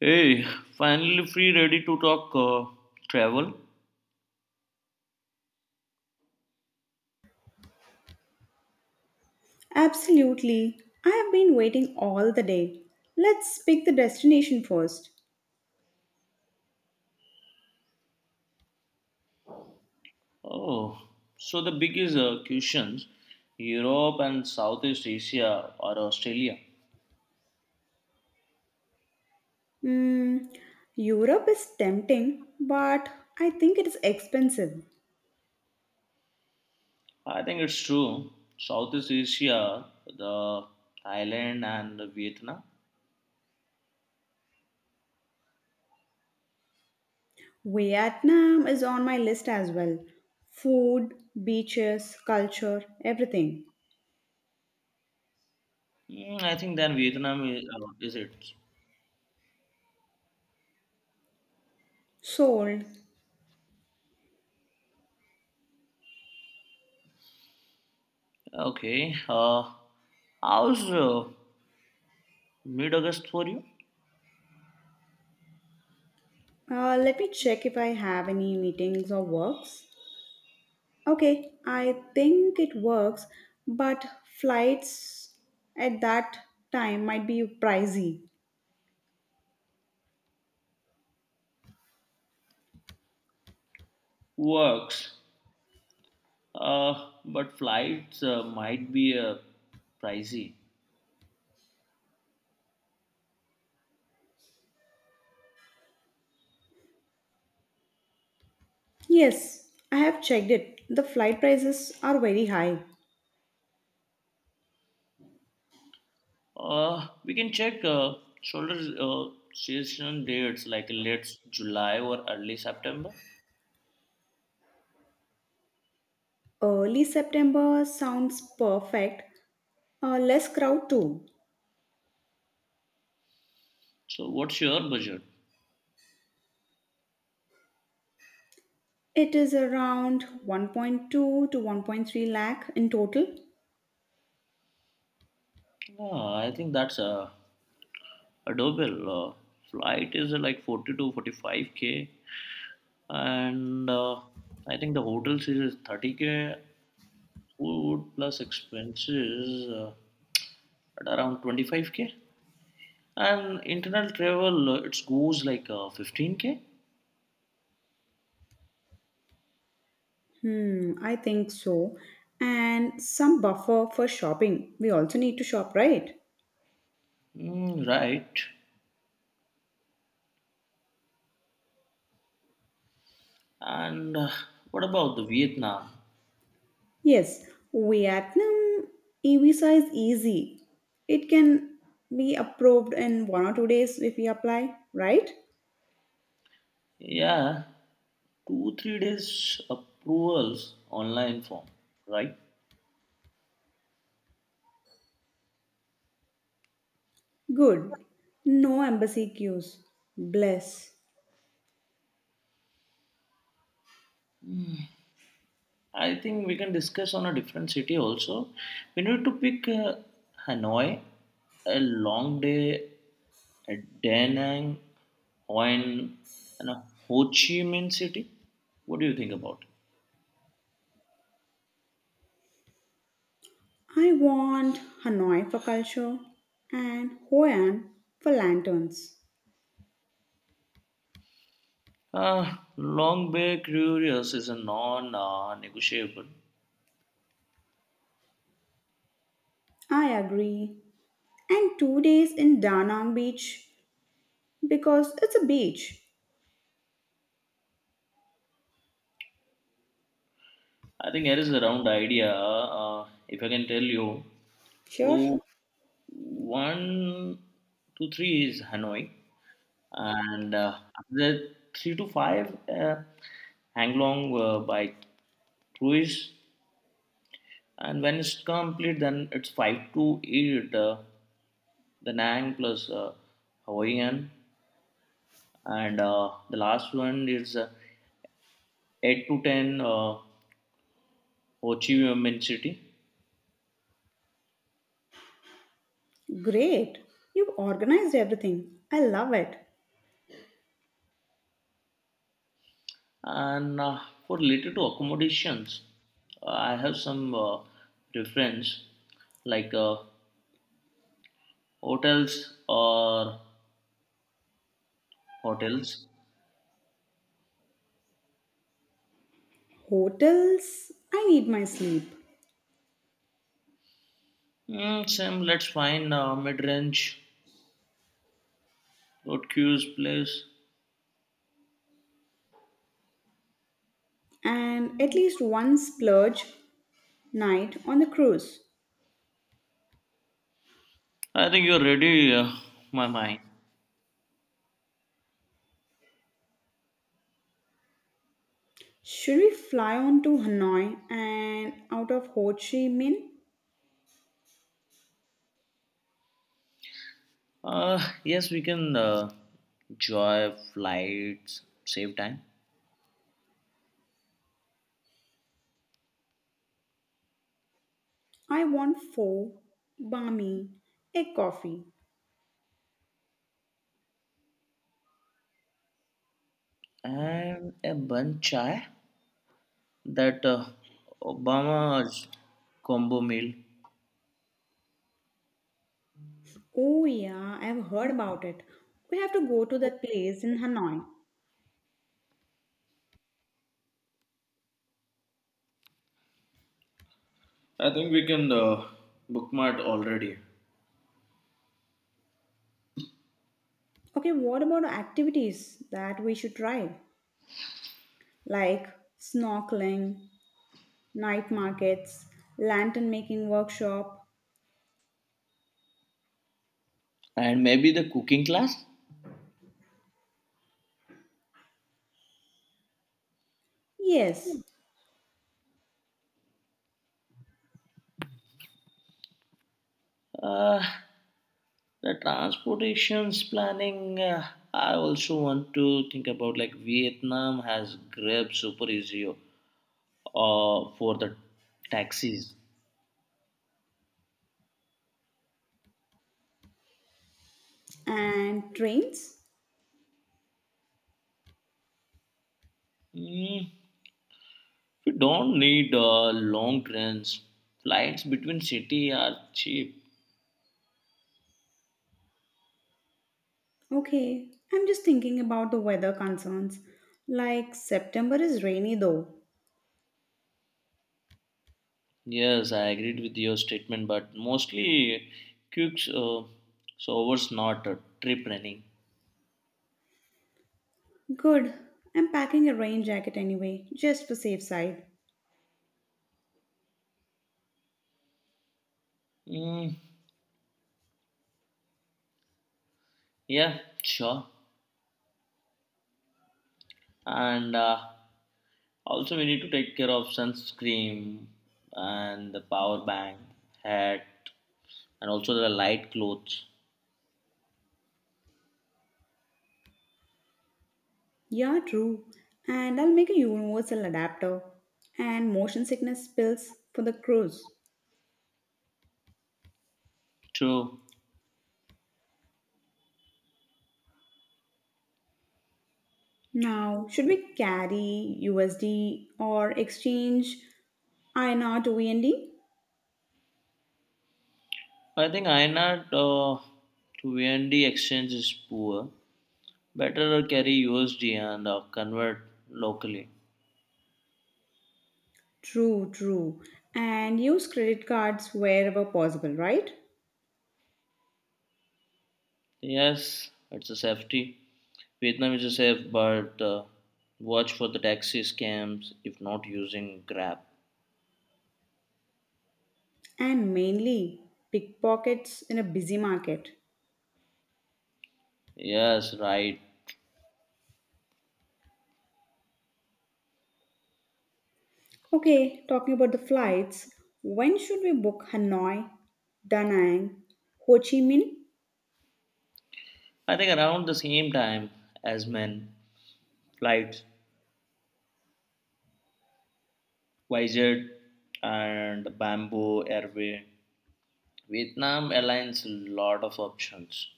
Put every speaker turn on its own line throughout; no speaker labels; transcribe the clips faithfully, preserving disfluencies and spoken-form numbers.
Hey, finally free, ready to talk uh, travel.
Absolutely. I have been waiting all the day. Let's pick the destination first.
Oh, so the biggest uh, questions Europe and Southeast Asia or Australia?
Mm, Europe is tempting, but I think it is expensive.
I think it's true. Southeast Asia, the Thailand and Vietnam.
Vietnam is on my list as well. Food, beaches, culture, everything.
Mm, I think then Vietnam is, uh, is it.
Sold.
Okay. Uh, how's uh, mid August for you?
Uh, let me check if I have any meetings or works. Okay, I think it works, but flights at that time might be pricey.
Works. Uh, but flights uh, might be uh, pricey.
Yes, I have checked it. The flight prices are very high.
Uh, we can check uh, shoulder uh, season dates like late July or early September.
Early September sounds perfect. Uh, less crowd too.
So, what's your budget?
It is around one point two to one point three lakh in total.
Uh, I think that's uh, doable. Uh, flight is uh, like forty to forty-five k, and uh, I think the hotel is thirty k, food plus expenses uh, at around twenty-five k, and internal travel uh, it goes like uh, fifteen k.
Hmm, I think so. And some buffer for shopping. We also need to shop, right?
Mm, right. And uh, what about the Vietnam?
Yes, Vietnam e-visa is easy. It can be approved in one or two days if we apply, right?
Yeah, two three days approvals online form, right?
Good. No embassy queues. Bless.
I think we can discuss on a different city also. We need to pick uh, Hanoi, a long day at Da Nang, Hoi An, and a Ho Chi Minh City. What do you think about it?
I want Hanoi for culture and Hoi An for lanterns.
Uh, Long Bay Curious is a non-negotiable.
I agree. And two days in Da Nang Beach because it's a beach.
I think here is a round idea. Uh, if I can tell you,
Sure.
so one, two, three is Hanoi, and uh, after that three to five, uh, Hanglong uh, by cruise, and when it's complete, then it's five to eight, uh, the Nang plus uh, Hawaiian, and uh, the last one is uh, eight to ten, uh, Ho Chi Minh City.
Great. You've organized everything. I love it.
And uh, for related to accommodations, uh, I have some uh, preference like uh, hotels or hotels.
Hotels, I need my sleep.
Mm, Sam, let's find uh, mid-range good queues place.
And at least one splurge night on the cruise.
I think you're ready, uh, my mind.
Should we fly on to Hanoi and out of Ho Chi Minh?
Uh, yes, we can uh, enjoy flights, save time,
I want pho, bami, a coffee.
and a bun chai that uh, Obama's combo meal.
Oh yeah, I've heard about it. We have to go to that place in Hanoi.
I think we can uh, bookmark already.
Okay, what about activities that we should try? Like snorkeling, night markets, lantern making workshop.
And maybe the cooking class?
Yes,
Uh, the transportations planning, uh, I also want to think about like Vietnam has Grab super easy uh, for the taxis.
and trains?
Mm, we don't need uh, long trains. Flights between city are cheap.
Okay, I'm just thinking about the weather concerns. Like September is rainy though.
Yes, I agreed with your statement, but mostly quicks, uh, so it's not a trip running.
Good. I'm packing a rain jacket anyway, just for safe side.
Mm, Yeah, sure. And uh, also, we need to take care of sunscreen and the power bank, hat, and also the light clothes.
Yeah, true. And I'll make a universal adapter and motion sickness pills for the cruise.
True.
Now, should we carry U S D or exchange I N R to V N D?
I think I INR uh, to V N D exchange is poor. Better carry U S D and uh, convert locally.
True, true. And use credit cards wherever possible, right?
Yes, it's a safety. Vietnam is a safe, but uh, watch for the taxi scams if not using Grab.
And mainly pickpockets in a busy market.
Yes, right.
Okay, talking about the flights, when should we book Hanoi, Da Nang, Ho Chi Minh?
I think around the same time as men, flights Wizard and Bamboo Airway, Vietnam Airlines lot of options.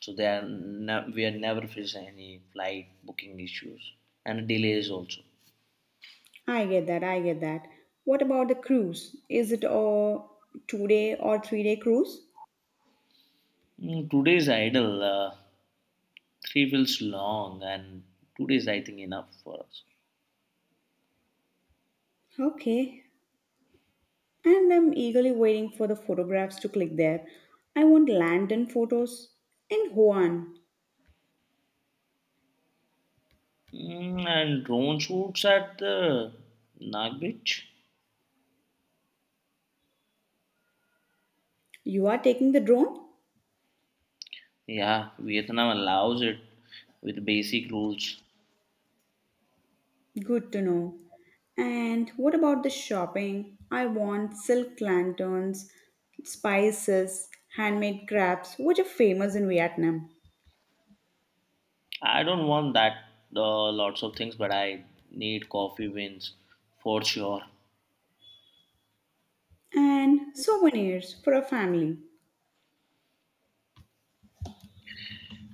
So they are ne- we are never face any flight booking issues and delays also.
I get that, I get that. What about the cruise? Is it a two day or three day cruise?
Mm, Today is idle, uh, three feels long, and two days I think enough for us.
Okay, and I'm eagerly waiting for the photographs to click there. I want lantern photos. And Juan,
Mm, and drone shoots at the Nag Beach.
you are taking the drone?
Yeah, Vietnam allows it with basic rules.
Good to know. And what about the shopping? I want silk lanterns, spices, handmade crafts, which are famous in Vietnam,
I don't want that uh, lots of things, but I need coffee wins for sure.
and souvenirs for a family.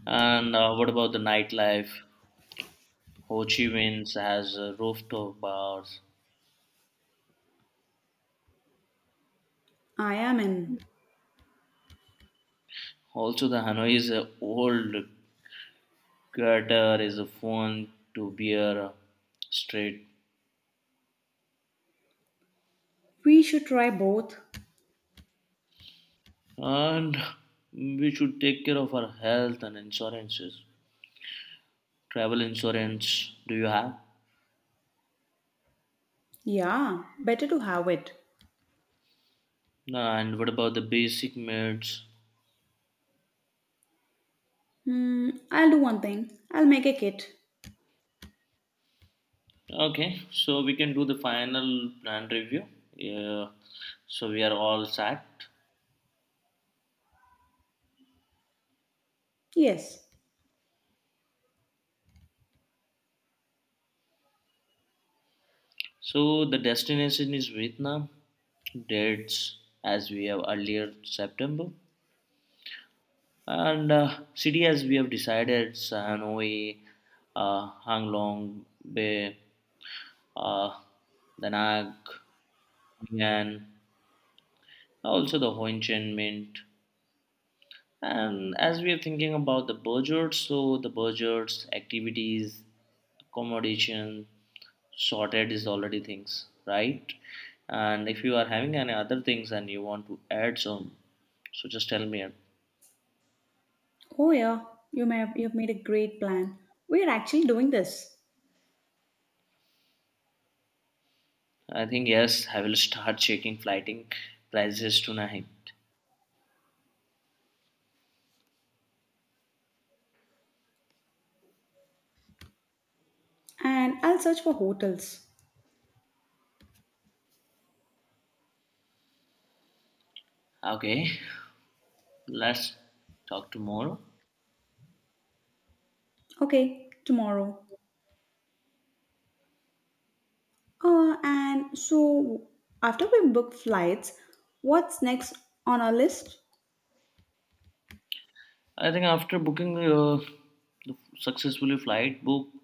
And uh, what about the nightlife? Ho Chi Minh has uh, rooftop bars.
I am in.
Also, the Hanoi's is old gutter is a fun to beer straight.
We should try both.
And we should take care of our health and insurances. Travel insurance, do you have?
Yeah, better to have it.
And what about the basic needs?
Hmm, I'll do one thing. I'll make a kit.
Okay, so we can do the final plan review. Yeah, so we are all set.
Yes.
So the destination is Vietnam. Dates as we have earlier September, and uh, city as we have decided Hanoi, uh, Long Bay, uh, Da Nang, Hoi An, also the Ho Chi Minh. And as we are thinking about the budget, so the budgets, activities, accommodation, sorted is already things, right? And if you are having any other things and you want to add some, so just tell me. It.
Oh yeah, you may have, you've made a great plan. We're actually doing this.
I think yes, I will start checking flighting prices tonight.
And I'll search for hotels.
Okay, let's talk tomorrow.
Okay, tomorrow. Uh, and so, after we book flights, what's next on our list?
I think after booking uh, the successfully flight booked,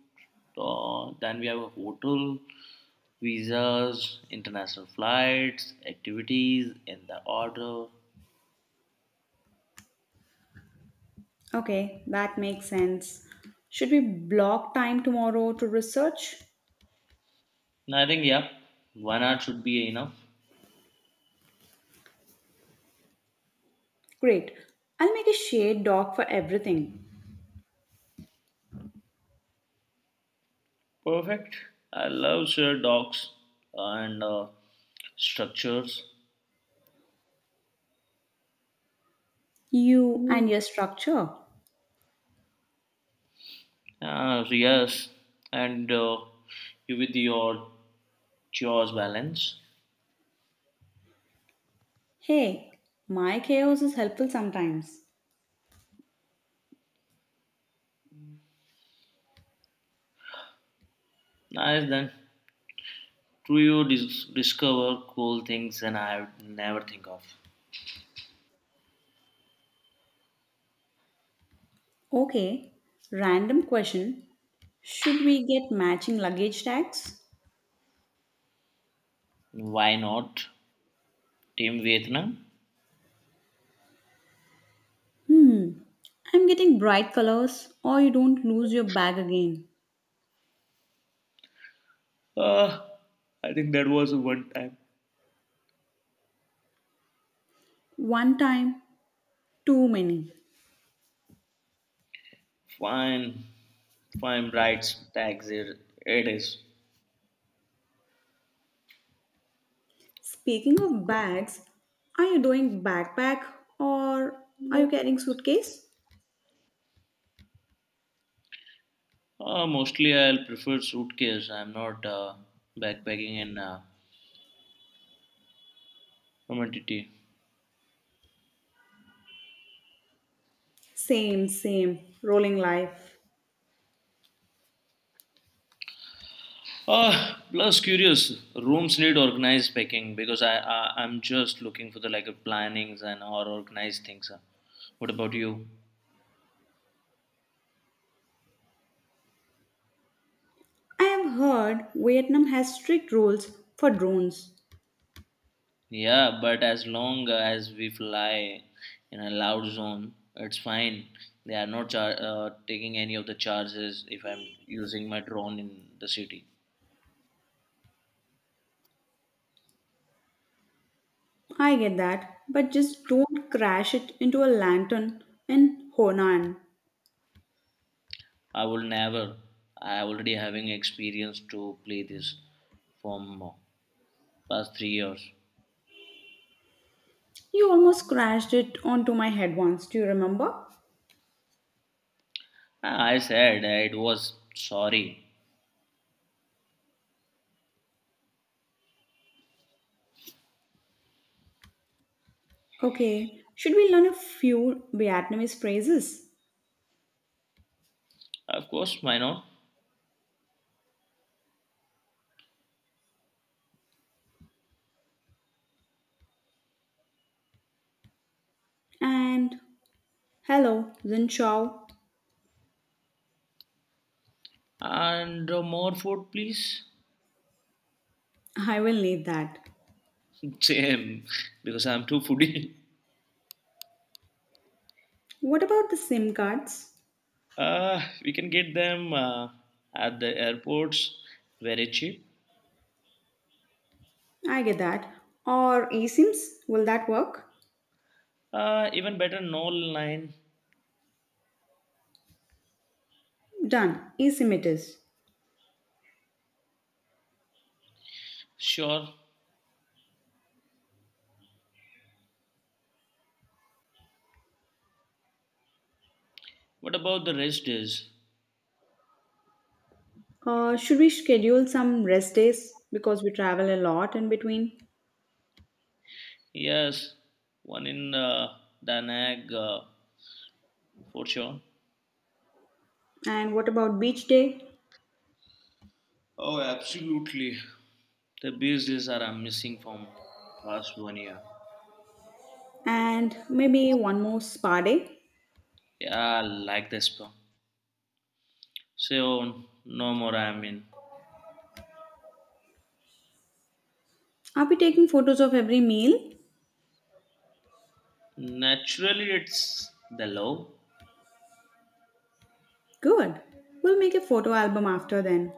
uh, then we have a hotel, visas, international flights, activities in the order.
Okay, that makes sense. Should we block time tomorrow to research?
And I think yeah, one hour should be enough.
Great. I'll make a shared doc for everything.
Perfect. I love shared docs and uh, structures.
You and your structure.
Uh, so, yes, and uh, you with your chores balance.
Hey, my chaos is helpful sometimes.
Nice then. Do you dis- discover cool things and I would never think of.
Okay, random question. Should we get matching luggage tags?
Why not Team Vietnam?
Hmm, I'm getting bright colors, or you don't lose your bag again.
Uh, I think that was one time.
One time, too many.
Fine, fine, bright tags. It, it is.
Speaking of bags, are you doing backpack or are you carrying suitcase?
Uh, mostly I'll prefer suitcase. I'm not uh, backpacking in uh, commodity.
Same, same, rolling life.
Uh, plus curious. Rooms need organized packing because I, I I'm just looking for the like uh, plannings and or organized things. Uh, what about you?
I have heard Vietnam has strict rules for drones.
Yeah, but as long as we fly in a loud zone, it's fine. They are not char- uh, taking any of the charges if I'm using my drone in the city.
I get that, but just don't crash it into a lantern in Honan.
I will never. I already having experience to play this from uh, past three years.
You almost crashed it onto my head once, do you remember?
Ah, I said it was sorry.
Okay, should we learn a few Vietnamese phrases?
Of course, why not?
And hello, Zin Chau.
And uh, more food, please.
I will need that.
Same, because I'm too foodie.
What about the SIM cards?
Uh, we can get them uh, at the airports very cheap.
I get that. Or eSIMs? Will that work?
Uh, even better, no line.
Done. eSIM it is.
Sure. What about the rest days?
Uh, should we schedule some rest days because we travel a lot in between?
Yes, one in uh, Danag uh, for sure.
And what about beach day?
Oh, absolutely. The beach days are I missing from past one year.
And maybe one more spa day?
Yeah, I like this spa. So no more. I mean,
Are we taking photos of every meal?
naturally it's the love.
Good. We'll make a photo album after then.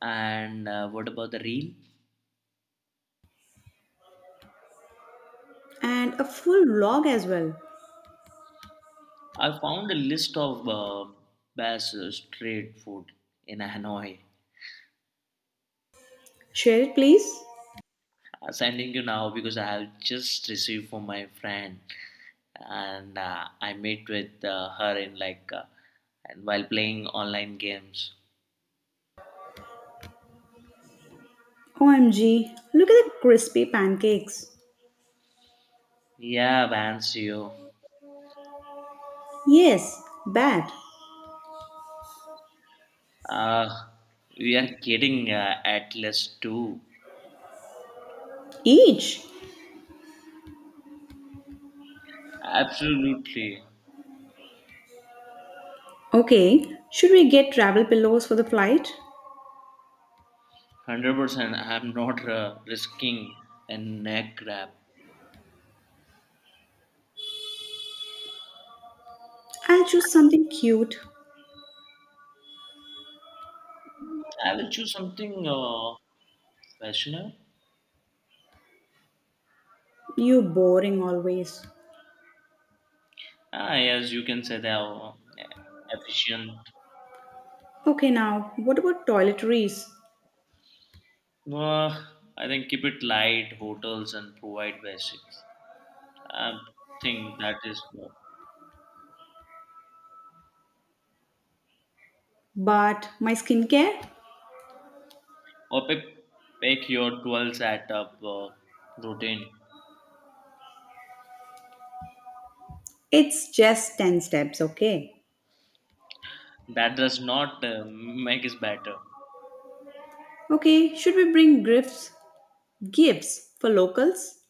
And uh, what about the reel?
And a full vlog as well.
I found a list of uh, best uh, street food in Hanoi.
Share it, please.
I'm sending you now because I have just received from my friend, and uh, I met with uh, her in like uh, and while playing online games.
O M G, look at the crispy pancakes.
Yeah, Vance, you.
Yes, bad.
Uh, we are getting uh, Atlas two.
Each.
Absolutely,
Okay, should we get travel pillows for the flight?
hundred percent. I'm not uh, risking a neck grab.
I'll choose something cute.
I will choose something uh, fashionable.
You boring always.
Ah, yes, you can say they are uh, efficient.
Okay, now, what about toiletries?
Uh, I think keep it light, hotels, and provide basics. I think that is more.
But my skincare?
Or pick, pick your twelve setup uh, routine.
It's just ten steps, okay?
That does not uh, make it better.
Okay, should we bring gifts? Gifts for locals?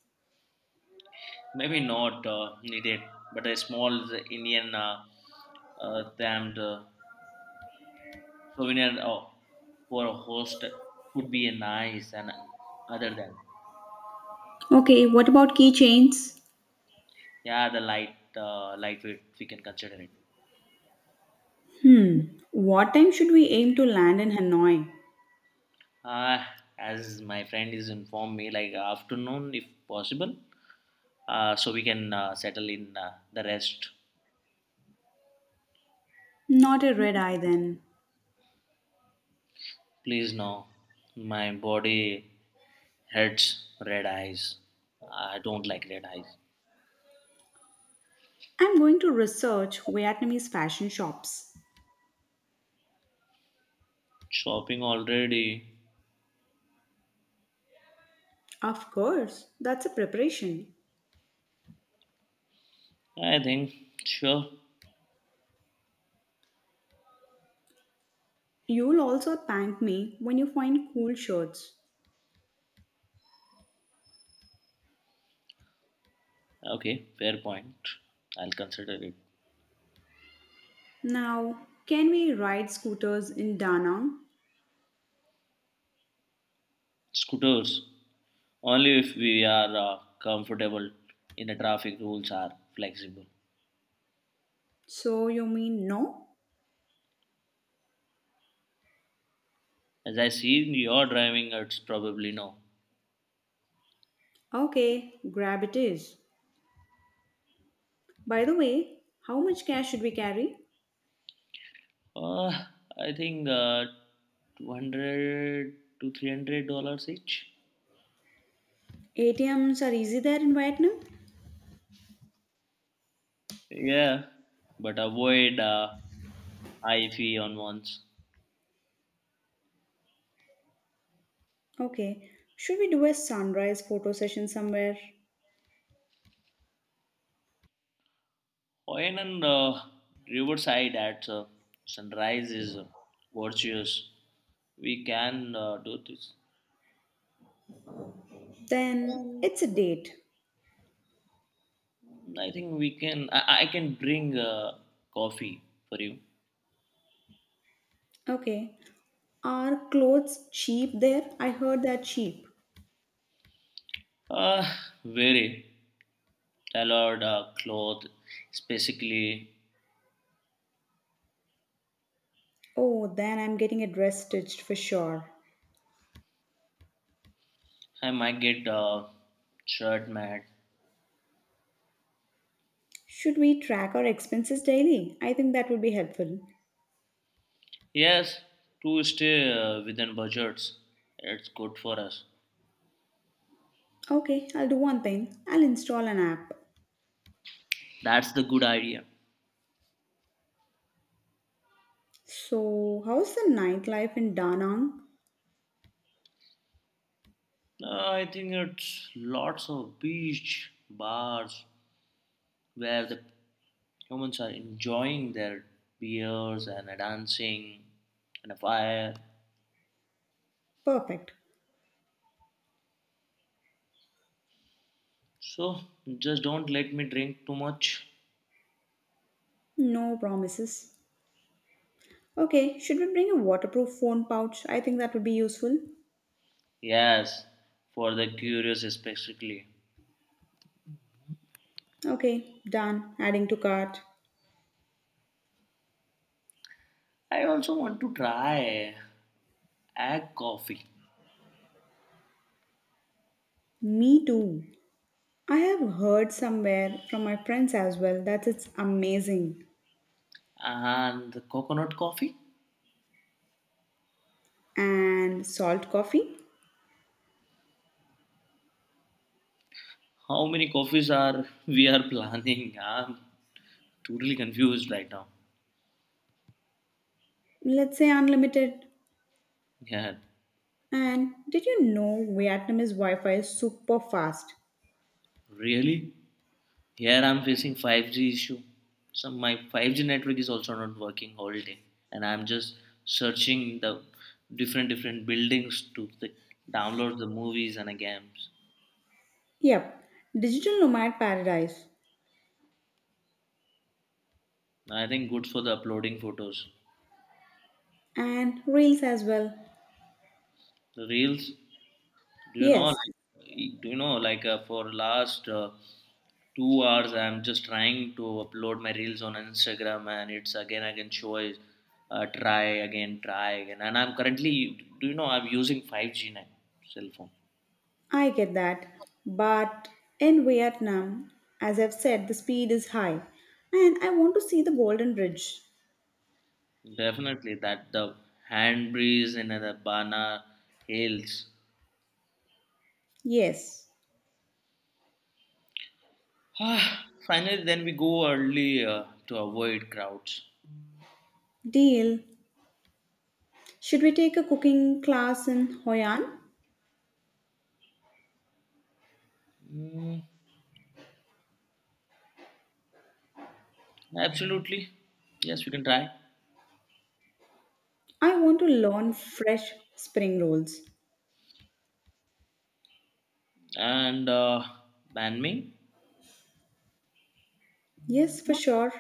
Maybe not uh, needed, but a small Indian uh, uh, themed uh, souvenir uh, for a host could be nice and other than.
Okay, what about keychains?
Yeah, the light uh, lightweight we can consider it.
What time should we aim to land in Hanoi?
Uh, as my friend is informed me, like afternoon if possible, uh, so we can uh, settle in uh, the rest.
Not a red eye then.
Please no, my body hurts red eyes. I don't like red eyes.
I'm going to research Vietnamese fashion shops.
Shopping already.
Of course, that's a preparation.
I think sure.
You'll also thank me when you find cool shirts.
Okay, fair point. I'll consider it.
Now, can we ride scooters in Da Nang?
Scooters only if we are uh, comfortable in the traffic rules are flexible.
So you mean no?
As I see you're driving, it's probably no.
Okay, grab it is. By the way, how much cash should we carry?
Uh, I think uh, two hundred to three hundred dollars each.
A T Ms are easy there in Vietnam?
Yeah, but avoid uh, high fee on once.
Okay, should we do a sunrise photo session somewhere?
Hoyan and uh, Riverside at uh, sunrise is uh, virtuous. We can uh, do this.
Then it's a date.
I think we can. I, I can bring uh, coffee for you.
Okay, are clothes cheap there? I heard they're cheap.
Uh, Very tailored uh, cloth, specifically
Oh, then I'm getting a dress stitched for sure.
I might get uh, shirt mad.
Should we track our expenses daily? I think that would be helpful.
Yes, to stay uh, within budgets. It's good for us.
Okay, I'll do one thing. I'll install an app.
That's the good idea.
So, how's the nightlife in Da Nang?
Uh, I think it's lots of beach bars where the humans are enjoying their beers and a dancing and a fire.
Perfect.
So just don't let me drink too much.
No promises. Okay, should we bring a waterproof phone pouch? I think that would be useful.
Yes, for the curious especially.
Okay, done. Adding to cart.
I also want to try egg coffee.
Me too. I have heard somewhere from my friends as well that it's amazing.
And coconut coffee.
And salt coffee?
How many coffees are we are planning? I'm totally confused right now.
Let's say unlimited.
Yeah,
And did you know Vietnamese Wi-Fi is super fast?
really? Here I'm facing five G issue. So my five G network is also not working all day, and I'm just searching the different different buildings to the, download the movies and the games.
Yep, digital nomad paradise
I think good for the uploading photos.
and reels as well.
The reels, do you know?
Yes,
Like, do you know? Like uh, for last uh, two hours I'm just trying to upload my reels on instagram and it's again again can uh, try again try again and I'm currently do you know I'm using five g now cell phone
I get that. But in Vietnam, as I've said, the speed is high and I want to see the Golden Bridge.
definitely that the hand breeze and the bana hails.
Yes,
Ah, finally then we go early uh, to avoid crowds.
deal. Should we take a cooking class in Hoi An?
mm, Absolutely yes we can try
I want to learn fresh spring rolls.
and uh, ban me.
Yes, for sure.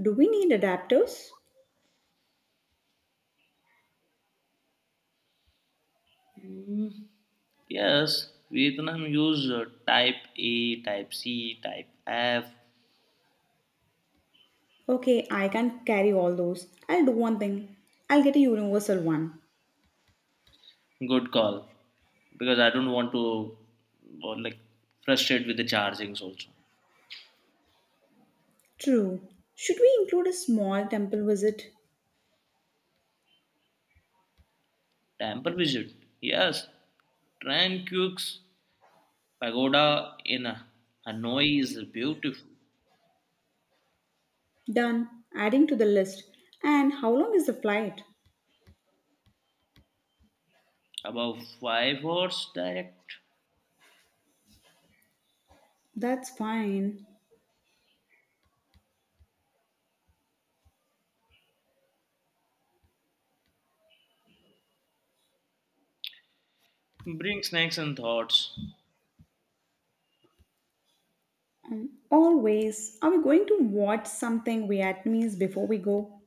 Do we need adapters?
Mm, Yes, Vietnam use uh, type A, type C, type F.
Okay, I can carry all those. I'll do one thing. I'll get a universal one.
Good call. Because I don't want to or like frustrate with the chargings also.
True. Should we include a small temple visit?
Temple visit. Yes. Tran Pagoda in uh, Hanoi is beautiful.
Done. Adding to the list. And how long is the flight?
About five hours direct.
That's fine.
Bring snacks and thoughts.
Um, always. Are we going to watch something Vietnamese before we go?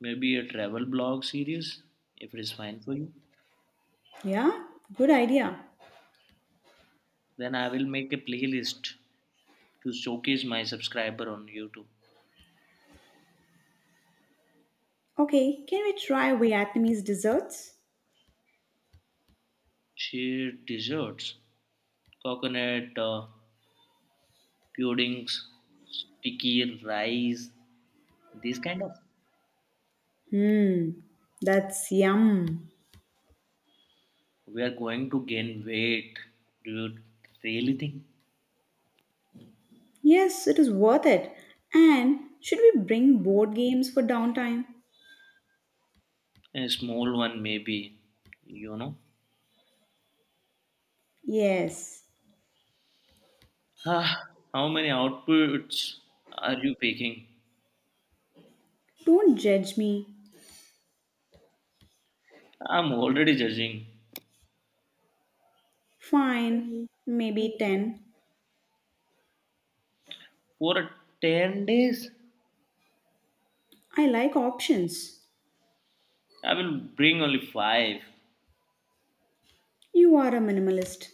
Maybe a travel blog series if it is fine for you.
Yeah? Good idea.
Then I will make a playlist to showcase my subscriber on YouTube.
Okay, can we try Vietnamese desserts?
She desserts, coconut uh, puddings, sticky rice, these kind of.
Hmm, that's yum.
We are going to gain weight. Do you really think?
Yes, it is worth it. And should we bring board games for downtime?
A small one, maybe. You know.
Yes.
Ah, how many outputs are you picking?
Don't judge me.
I'm already judging.
Fine. Maybe ten.
For ten days,
I like options.
I will bring only five.
You are a minimalist.